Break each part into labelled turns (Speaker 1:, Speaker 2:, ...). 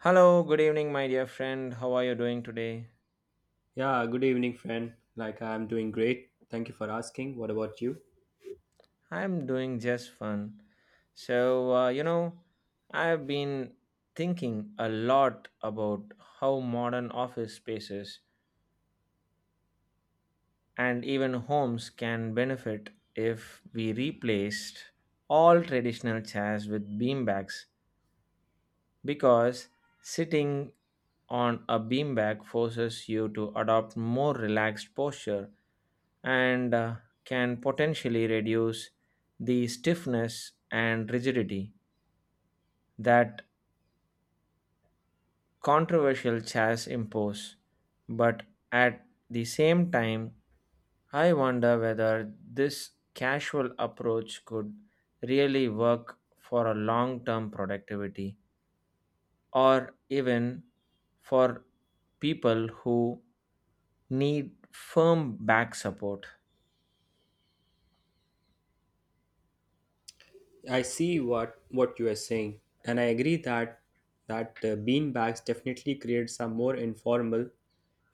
Speaker 1: Hello, good evening, my dear friend. How are you doing today?
Speaker 2: Yeah, good evening, friend. Like, I'm doing great. Thank you for asking. What about you?
Speaker 1: I'm doing just fun. So, uh, you know, I've been thinking a lot about how modern office spaces and even homes can benefit if we replaced all traditional chairs with beanbags because sitting on a beanbag forces you to adopt more relaxed posture and can potentially reduce the stiffness and rigidity that controversial chairs impose. But at the same time, I wonder whether this casual approach could really work for a long term productivity or even for people who need firm back support.
Speaker 2: I see what you are saying, and I agree that bean bags definitely creates a more informal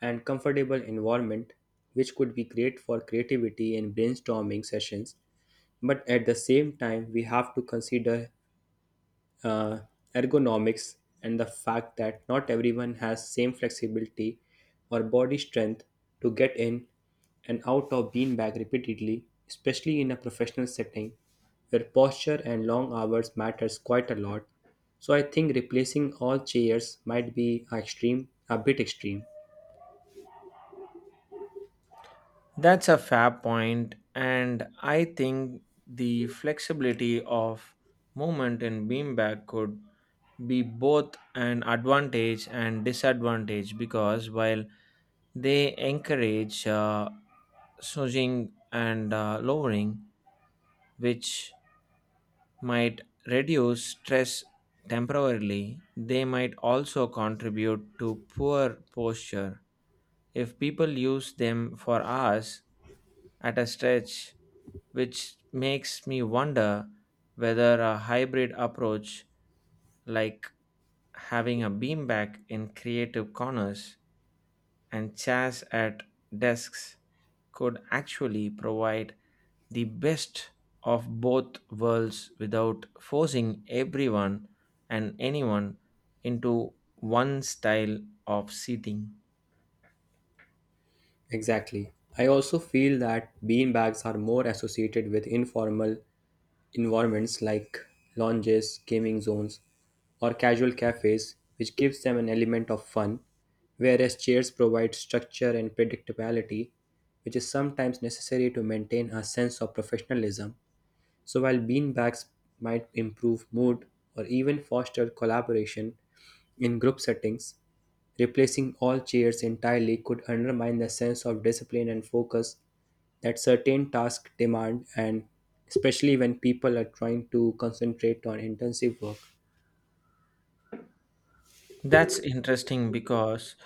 Speaker 2: and comfortable environment, which could be great for creativity and brainstorming sessions. But at the same time, we have to consider uh, ergonomics, and the fact that not everyone has same flexibility or body strength to get in and out of beanbag repeatedly, especially in a professional setting where posture and long hours matters quite a lot. So I think replacing all chairs might be a bit extreme.
Speaker 1: That's a fair point, and I think the flexibility of movement in beanbag could be both an advantage and disadvantage because while they encourage surging and lowering, which might reduce stress temporarily, they might also contribute to poor posture if people use them for hours at a stretch, which makes me wonder whether a hybrid approach like having a beanbag in creative corners and chairs at desks could actually provide the best of both worlds without forcing everyone and anyone into one style of seating.
Speaker 2: Exactly. I also feel that bean bags are more associated with informal environments like lounges, gaming zones, or casual cafes, which gives them an element of fun, whereas chairs provide structure and predictability, which is sometimes necessary to maintain a sense of professionalism. So while beanbags might improve mood or even foster collaboration in group settings, replacing all chairs entirely could undermine the sense of discipline and focus that certain tasks demand, and especially when people are trying to concentrate on intensive work.
Speaker 1: That's interesting because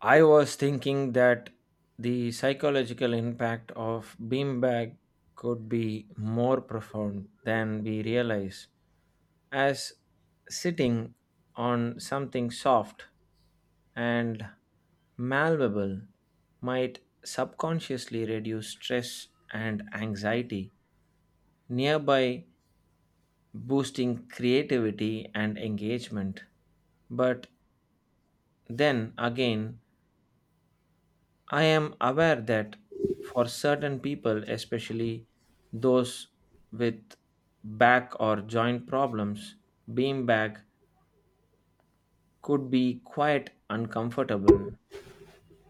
Speaker 1: I was thinking that the psychological impact of beanbag could be more profound than we realize, as sitting on something soft and malleable might subconsciously reduce stress and anxiety, nearby boosting creativity and engagement. But then again, I am aware that for certain people, especially those with back or joint problems, beanbag could be quite uncomfortable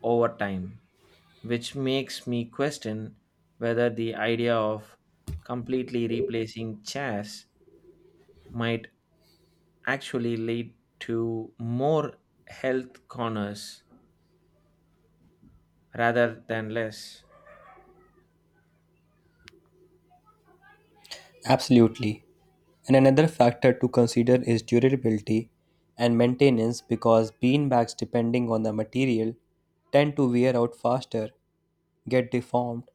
Speaker 1: over time, which makes me question whether the idea of completely replacing chairs might actually lead to more health corners rather than less.
Speaker 2: Absolutely. And another factor to consider is durability and maintenance, because beanbags, depending on the material, tend to wear out faster, get deformed,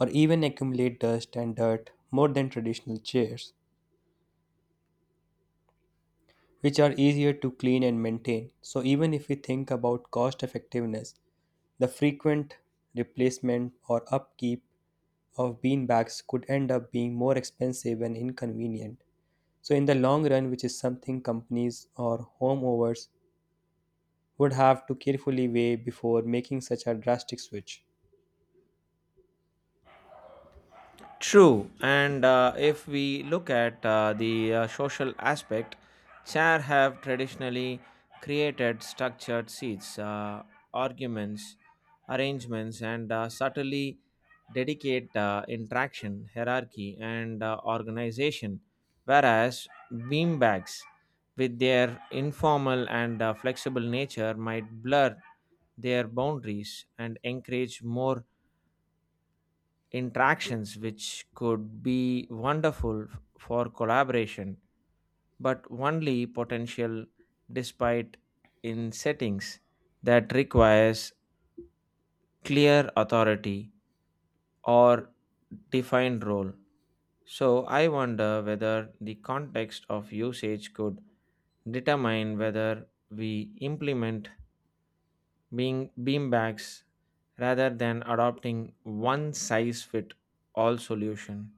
Speaker 2: or even accumulate dust and dirt more than traditional chairs, which are easier to clean and maintain. So, even if we think about cost effectiveness, the frequent replacement or upkeep of beanbags could end up being more expensive and inconvenient. So, in the long run, which is something companies or homeowners would have to carefully weigh before making such a drastic switch.
Speaker 1: True, and if we look at the social aspect, chair have traditionally created structured seats, arguments, arrangements, and subtly dedicate interaction, hierarchy, and organization. Whereas beanbags, with their informal and flexible nature, might blur their boundaries and encourage more interactions, which could be wonderful for collaboration but only potential despite in settings that requires clear authority or defined role. So I wonder whether the context of usage could determine whether we implement being beanbags rather than adopting one size fit all solution.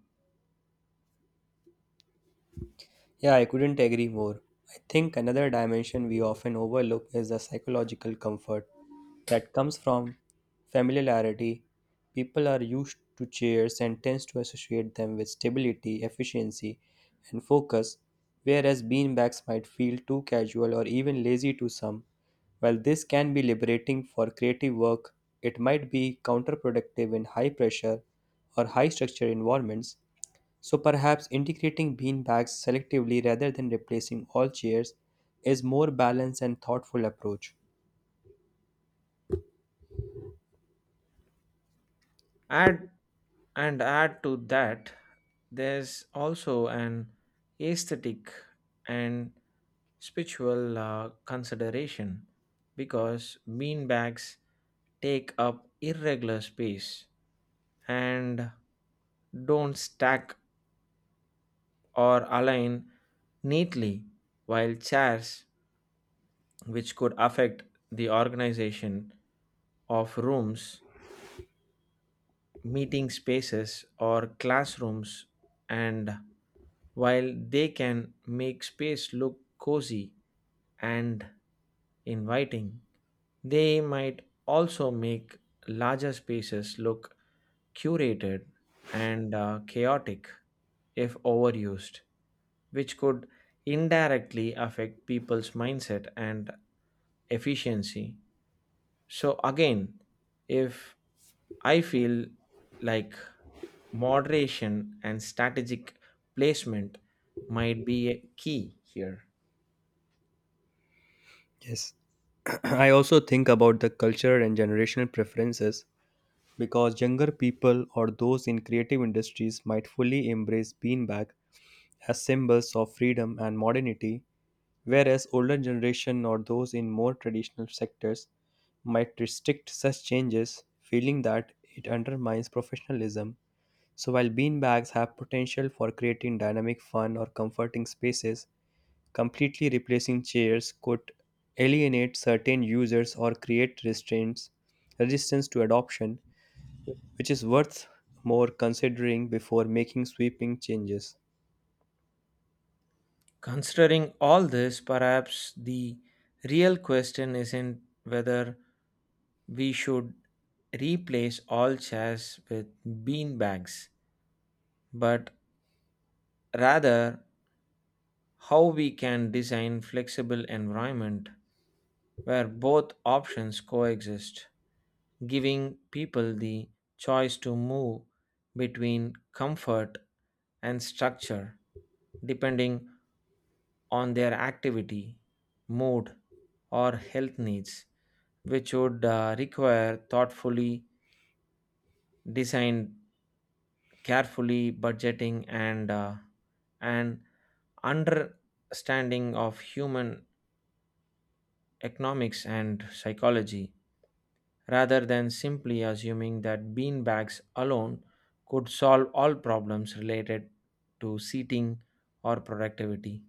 Speaker 2: Yeah, I couldn't agree more. I think another dimension we often overlook is the psychological comfort that comes from familiarity. People are used to chairs and tends to associate them with stability, efficiency, and focus, whereas beanbags might feel too casual or even lazy to some. While this can be liberating for creative work, it might be counterproductive in high pressure or high structure environments, so perhaps integrating bean bags selectively rather than replacing all chairs is more balanced and thoughtful approach.
Speaker 1: Add and add to that, there's also an aesthetic and spiritual consideration because beanbags take up irregular space and don't stack or align neatly, while chairs, which could affect the organization of rooms, meeting spaces, or classrooms, and while they can make space look cozy and inviting, they might also make larger spaces look curated and chaotic if overused, which could indirectly affect people's mindset and efficiency. So, again, if I feel like moderation and strategic placement might be a key here.
Speaker 2: Yes. I also think about the cultural and generational preferences, because younger people or those in creative industries might fully embrace beanbag as symbols of freedom and modernity, whereas older generation or those in more traditional sectors might restrict such changes, feeling that it undermines professionalism. So while beanbags have potential for creating dynamic fun or comforting spaces, completely replacing chairs could alienate certain users or create restraints, resistance to adoption, which is worth more considering before making sweeping changes.
Speaker 1: Considering all this, perhaps the real question isn't whether we should replace all chairs with bean bags, but rather how we can design flexible environment where both options coexist, giving people the choice to move between comfort and structure depending on their activity, mood, or health needs, which would require thoughtfully designed, carefully budgeting, and an understanding of human economics and psychology, rather than simply assuming that bean bags alone could solve all problems related to seating or productivity.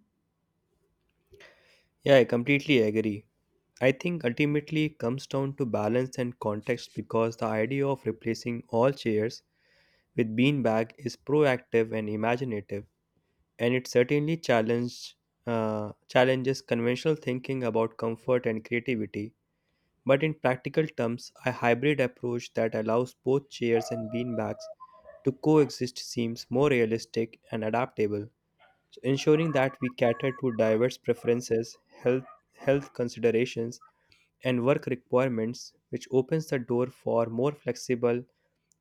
Speaker 2: Yeah, I completely agree. I think ultimately it comes down to balance and context, because the idea of replacing all chairs with beanbag is proactive and imaginative, and it certainly challenges conventional thinking about comfort and creativity. But in practical terms, a hybrid approach that allows both chairs and beanbags to coexist seems more realistic and adaptable. So ensuring that we cater to diverse preferences, health, health considerations, and work requirements, which opens the door for more flexible,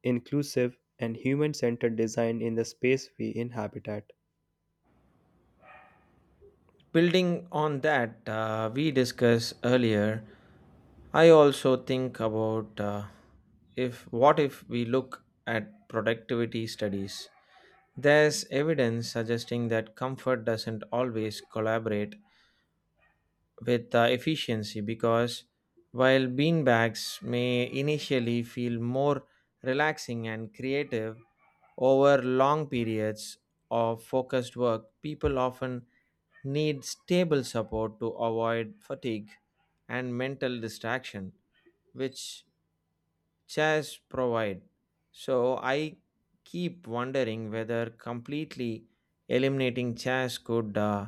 Speaker 2: inclusive, and human centered design in the space we inhabit.
Speaker 1: Building on that, we discussed earlier, I also think about if what if we look at productivity studies. There's evidence suggesting that comfort doesn't always collaborate with efficiency because while beanbags may initially feel more relaxing and creative, over long periods of focused work, people often need stable support to avoid fatigue and mental distraction, which chairs provide. So I keep wondering whether completely eliminating chairs could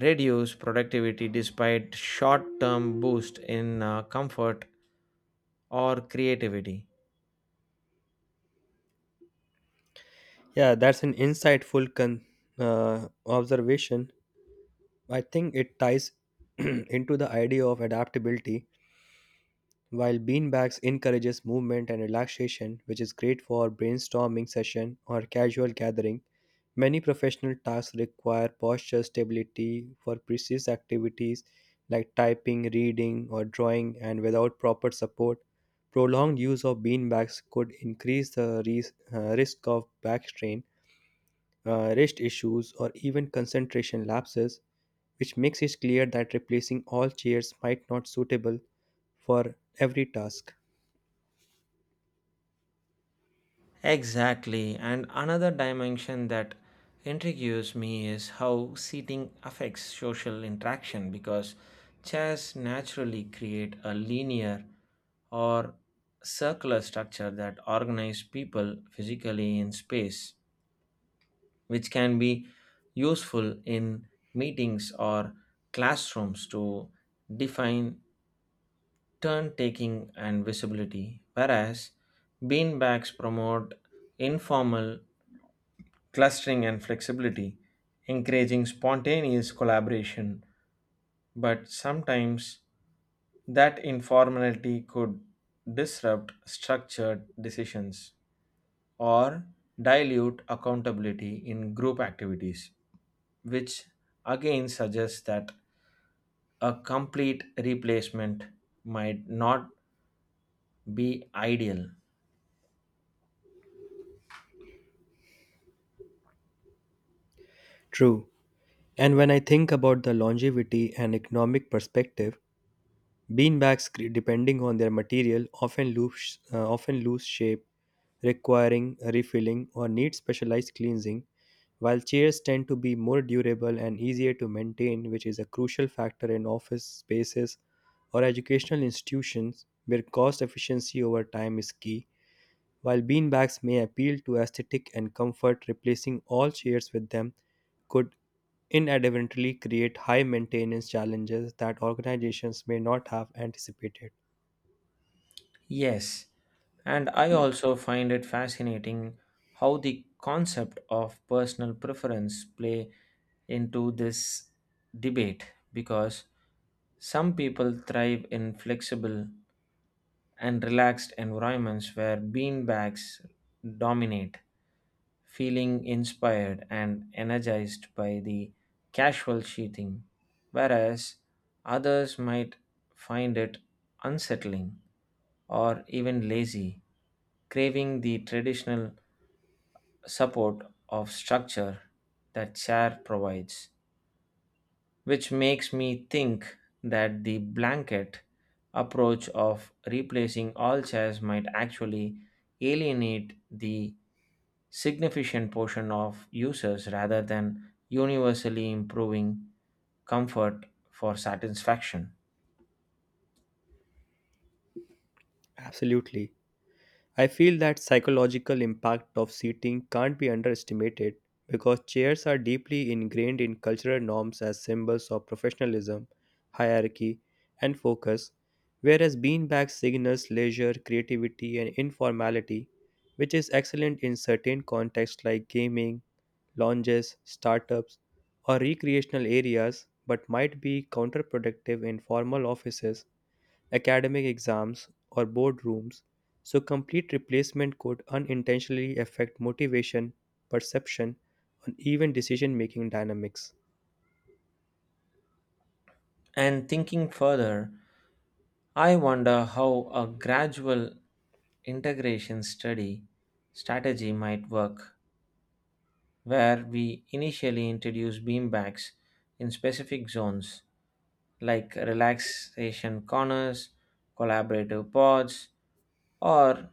Speaker 1: reduce productivity despite short-term boost in comfort or creativity.
Speaker 2: Yeah, that's an insightful observation. I think it ties into the idea of adaptability. While beanbags encourages movement and relaxation, which is great for brainstorming session or casual gathering, many professional tasks require posture stability for precise activities like typing, reading, or drawing, and without proper support, prolonged use of beanbags could increase the risk of back strain, rest issues, or even concentration lapses, which makes it clear that replacing all chairs might not suitable for every task.
Speaker 1: Exactly. And another dimension that intrigues me is how seating affects social interaction because chairs naturally create a linear or circular structure that organize people physically in space, which can be useful in meetings or classrooms to define turn taking and visibility, whereas beanbags promote informal clustering and flexibility, encouraging spontaneous collaboration, but sometimes that informality could disrupt structured decisions or dilute accountability in group activities, which again suggests that a complete replacement might not be ideal.
Speaker 2: True. And when I think about the longevity and economic perspective, beanbags, depending on their material, often lose shape, requiring refilling or need specialized cleansing. While chairs tend to be more durable and easier to maintain, which is a crucial factor in office spaces or educational institutions where cost efficiency over time is key, while beanbags may appeal to aesthetic and comfort, replacing all chairs with them could inadvertently create high maintenance challenges that organizations may not have anticipated.
Speaker 1: Yes, and I also find it fascinating how the concept of personal preference play into this debate because some people thrive in flexible and relaxed environments where beanbags dominate, feeling inspired and energized by the casual sheathing, whereas others might find it unsettling or even lazy, craving the traditional support of structure that chair provides, which makes me think that the blanket approach of replacing all chairs might actually alienate the significant portion of users rather than universally improving comfort for satisfaction.
Speaker 2: Absolutely. I feel that psychological impact of seating can't be underestimated, because chairs are deeply ingrained in cultural norms as symbols of professionalism, hierarchy, and focus, whereas beanbags signals leisure, creativity, and informality, which is excellent in certain contexts like gaming, lounges, startups, or recreational areas, but might be counterproductive in formal offices, academic exams, or boardrooms, so complete replacement could unintentionally affect motivation, perception, and even decision making dynamics.
Speaker 1: And thinking further, I wonder how a gradual integration study strategy might work where we initially introduce beanbags in specific zones like relaxation corners, collaborative pods, or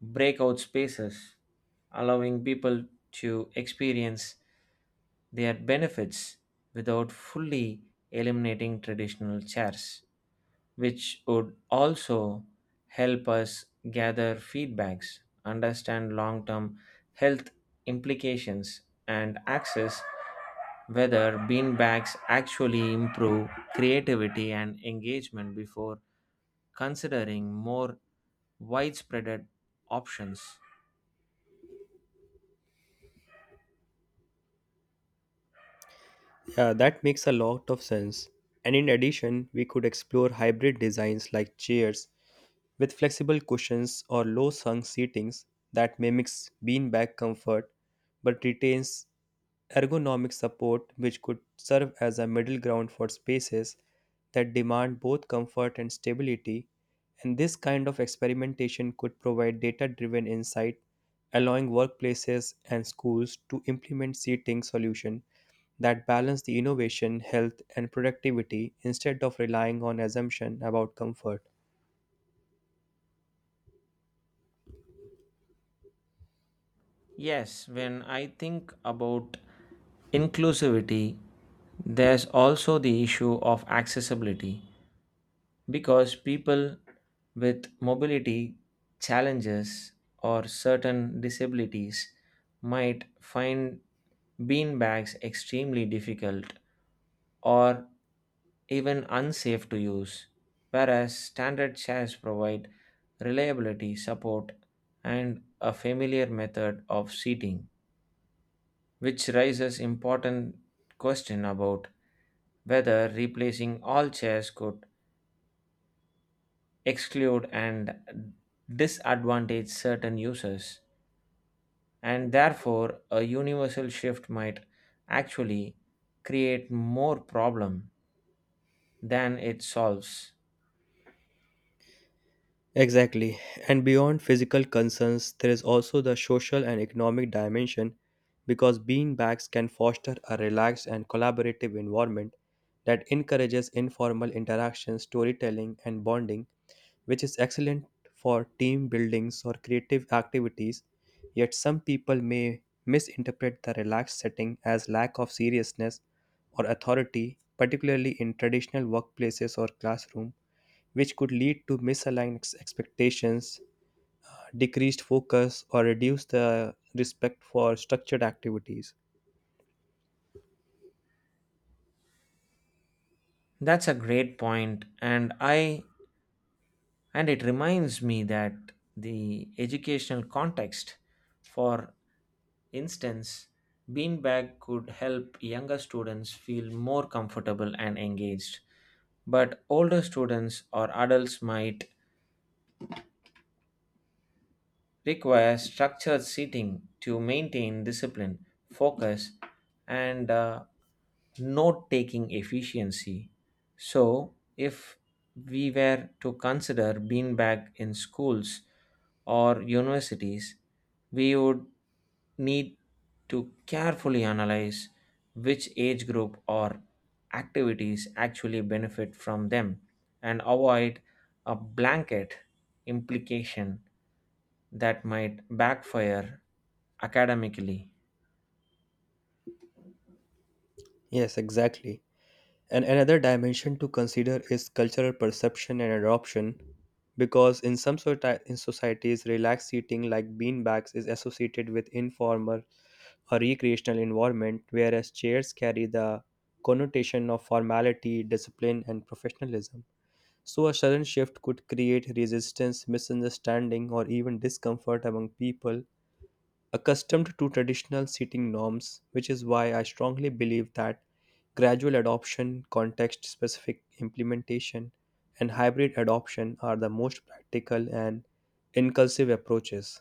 Speaker 1: breakout spaces, allowing people to experience their benefits without fully eliminating traditional chairs, which would also help us gather feedbacks, understand long term health implications, and access whether beanbags actually improve creativity and engagement before considering more widespread options.
Speaker 2: Yeah, that makes a lot of sense. And in addition, we could explore hybrid designs like chairs with flexible cushions or low hung seatings that mimics beanbag comfort but retains ergonomic support, which could serve as a middle ground for spaces that demand both comfort and stability, and this kind of experimentation could provide data driven insight, allowing workplaces and schools to implement seating solutions that balance the innovation, health, and productivity instead of relying on assumption about comfort.
Speaker 1: Yes, when I think about inclusivity, there's also the issue of accessibility because people with mobility challenges or certain disabilities might find beanbags extremely difficult or even unsafe to use, whereas standard chairs provide reliability, support, and a familiar method of seating, which raises important question about whether replacing all chairs could exclude and disadvantage certain users, and therefore a universal shift might actually create more problem than it solves.
Speaker 2: Exactly. And beyond physical concerns, there is also the social and economic dimension, because beanbags can foster a relaxed and collaborative environment that encourages informal interaction, storytelling, and bonding, which is excellent for team buildings or creative activities. Yet some people may misinterpret the relaxed setting as lack of seriousness or authority, particularly in traditional workplaces or classroom, which could lead to misaligned expectations, decreased focus, or reduce the respect for structured activities.
Speaker 1: That's a great point, and I and it reminds me that the educational context, for instance, beanbag could help younger students feel more comfortable and engaged, but older students or adults might requires structured seating to maintain discipline, focus, and note taking efficiency. So, if we were to consider beanbag in schools or universities, we would need to carefully analyze which age group or activities actually benefit from them and avoid a blanket implication that might backfire academically.
Speaker 2: Yes, exactly. And another dimension to consider is cultural perception and adoption, because in societies, relaxed seating like beanbags is associated with informal or recreational environment, whereas chairs carry the connotation of formality, discipline, and professionalism. So, a sudden shift could create resistance, misunderstanding, or even discomfort among people accustomed to traditional seating norms, which is why I strongly believe that gradual adoption, context specific implementation, and hybrid adoption are the most practical and inclusive approaches.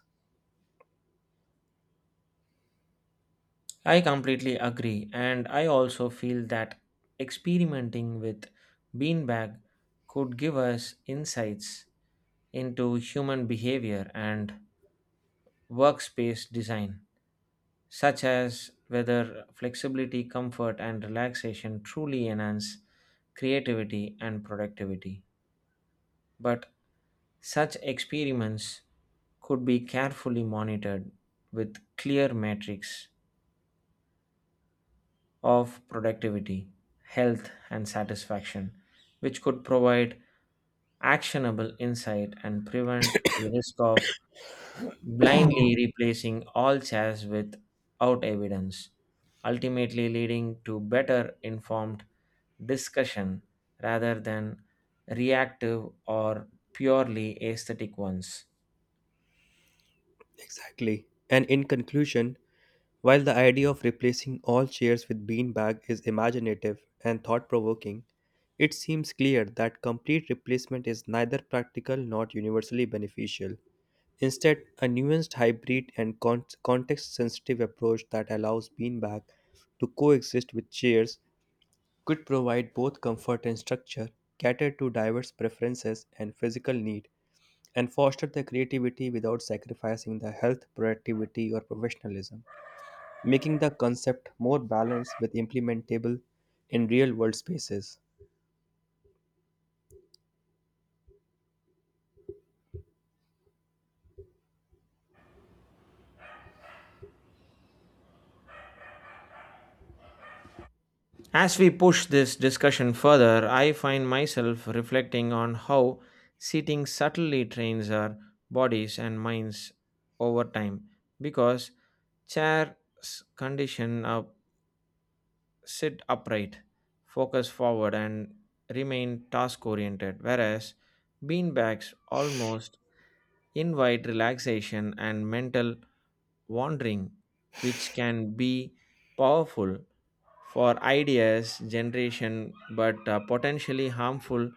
Speaker 1: I completely agree, and I also feel that experimenting with beanbag could give us insights into human behavior and workspace design, such as whether flexibility, comfort, and relaxation truly enhance creativity and productivity. But such experiments could be carefully monitored with clear metrics of productivity, health, and satisfaction, which could provide actionable insight and prevent the risk of blindly replacing all chairs without evidence, ultimately leading to better informed discussion rather than reactive or purely aesthetic ones.
Speaker 2: Exactly. And in conclusion, while the idea of replacing all chairs with beanbag is imaginative and thought provoking, it seems clear that complete replacement is neither practical nor universally beneficial. Instead, a nuanced hybrid and context sensitive approach that allows beanbag to coexist with chairs could provide both comfort and structure, cater to diverse preferences and physical need, and foster the creativity without sacrificing the health, productivity, or professionalism, making the concept more balanced with implementable in real world spaces.
Speaker 1: As we push this discussion further, I find myself reflecting on how sitting subtly trains our bodies and minds over time because chairs condition our sit upright, focus forward, and remain task oriented, whereas beanbags almost invite relaxation and mental wandering, which can be powerful for ideas generation but potentially harmful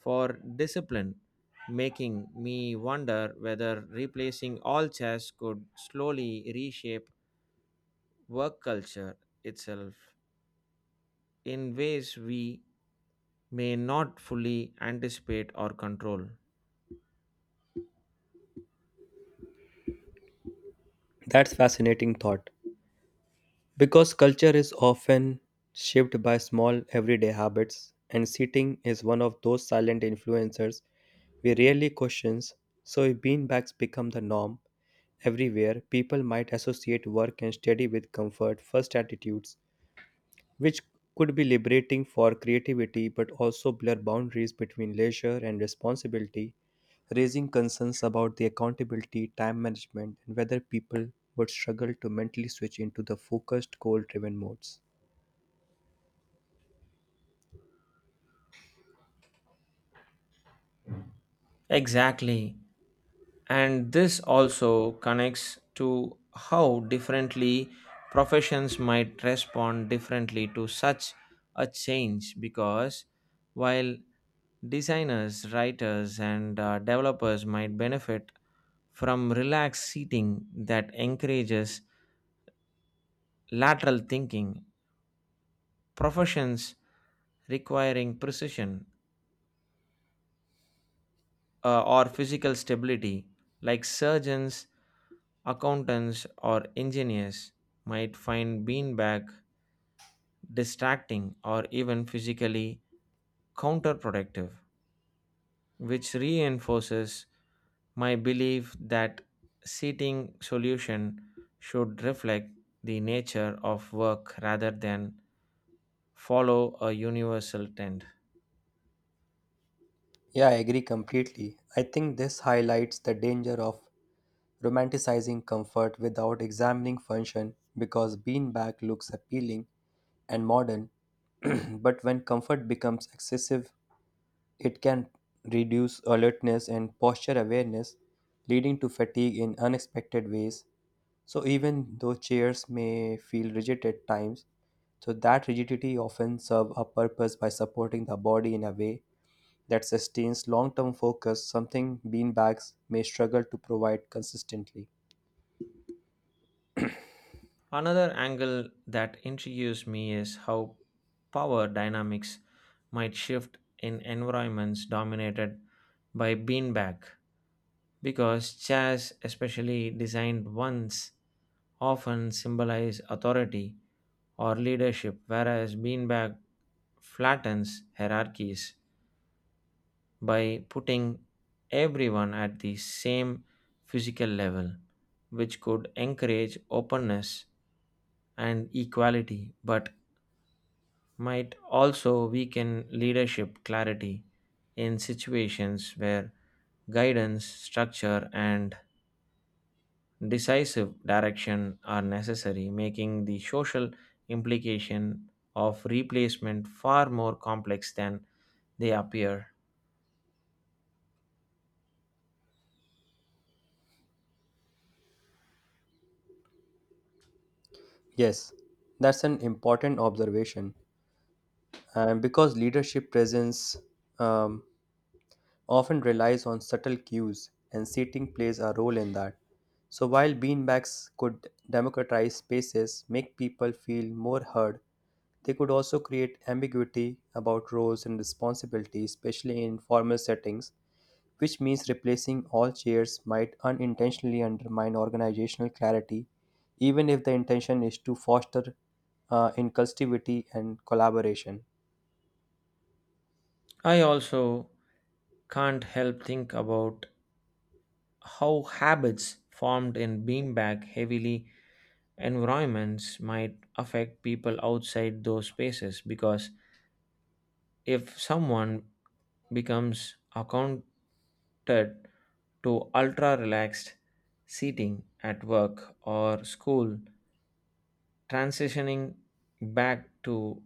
Speaker 1: for discipline, making me wonder whether replacing all chairs could slowly reshape work culture itself in ways we may not fully anticipate or control.
Speaker 2: That's fascinating thought. Because culture is often shaped by small everyday habits, and sitting is one of those silent influencers we rarely question. So, if beanbags become the norm everywhere, people might associate work and study with comfort first attitudes, which could be liberating for creativity but also blur boundaries between leisure and responsibility, raising concerns about the accountability, time management, and whether people would struggle to mentally switch into the focused, goal driven modes.
Speaker 1: Exactly. And this also connects to how differently professions might respond differently to such a change because while designers, writers, and developers might benefit from relaxed seating that encourages lateral thinking, professions requiring precision or physical stability, like surgeons, accountants, or engineers, might find beanbag distracting or even physically counterproductive, which reinforces my belief that seating solution should reflect the nature of work rather than follow a universal trend.
Speaker 2: Yeah, I agree completely. I think this highlights the danger of romanticizing comfort without examining function, because beanbag looks appealing and modern, but when comfort becomes excessive, it can reduce alertness and posture awareness, leading to fatigue in unexpected ways. So, even though chairs may feel rigid at times, so that rigidity often serves a purpose by supporting the body in a way that sustains long-term focus, something beanbags may struggle to provide consistently.
Speaker 1: Another angle that intrigues me is how power dynamics might shift in environments dominated by beanbag, because chairs, especially designed ones, often symbolize authority or leadership, whereas beanbag flattens hierarchies by putting everyone at the same physical level, which could encourage openness and equality, but might also weaken leadership clarity in situations where guidance, structure, and decisive direction are necessary, making the social implication of replacement far more complex than they appear.
Speaker 2: Yes, that's an important observation. And because leadership presence um, often relies on subtle cues, and seating plays a role in that. So, while beanbags could democratize spaces, make people feel more heard, they could also create ambiguity about roles and responsibilities, especially in formal settings, which means replacing all chairs might unintentionally undermine organizational clarity, even if the intention is to foster inclusivity and collaboration.
Speaker 1: I also can't help think about how habits formed in beanbag heavily environments might affect people outside those spaces because if someone becomes accounted to ultra relaxed seating at work or school, transitioning back to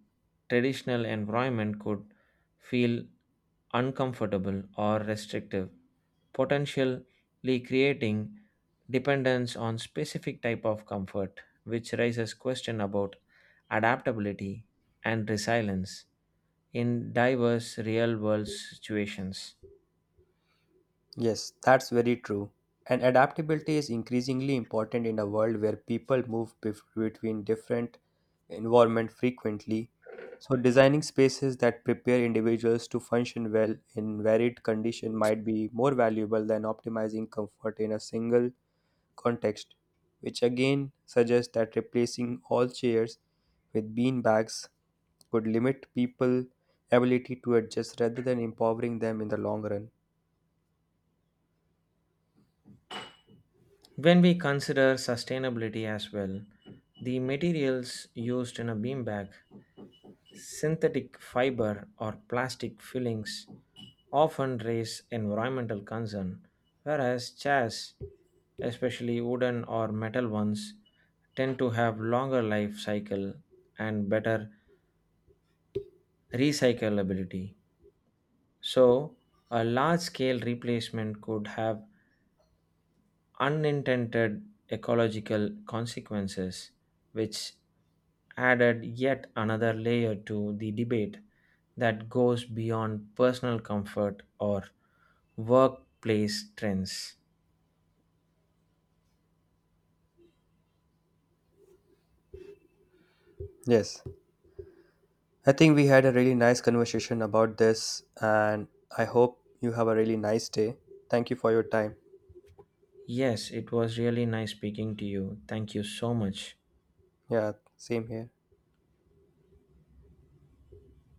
Speaker 1: traditional environment could feel uncomfortable or restrictive, potentially creating dependence on specific type of comfort, which raises question about adaptability and resilience in diverse real world situations.
Speaker 2: Yes, that's very true. And adaptability is increasingly important in a world where people move between different environments frequently. So, designing spaces that prepare individuals to function well in varied conditions might be more valuable than optimizing comfort in a single context, which again suggests that replacing all chairs with bean bags could limit people's ability to adjust rather than empowering them in the long run.
Speaker 1: When we consider sustainability as well, the materials used in a beanbag, synthetic fiber, or plastic fillings often raise environmental concern, whereas chairs, especially wooden or metal ones, tend to have longer life cycle and better recyclability. So, a large scale replacement could have unintended ecological consequences, which added yet another layer to the debate that goes beyond personal comfort or workplace trends.
Speaker 2: Yes. I think we had a really nice conversation about this, and I hope you have a really nice day. Thank you for your time.
Speaker 1: Yes, it was really nice speaking to you. Thank you so much.
Speaker 2: Yeah, same here.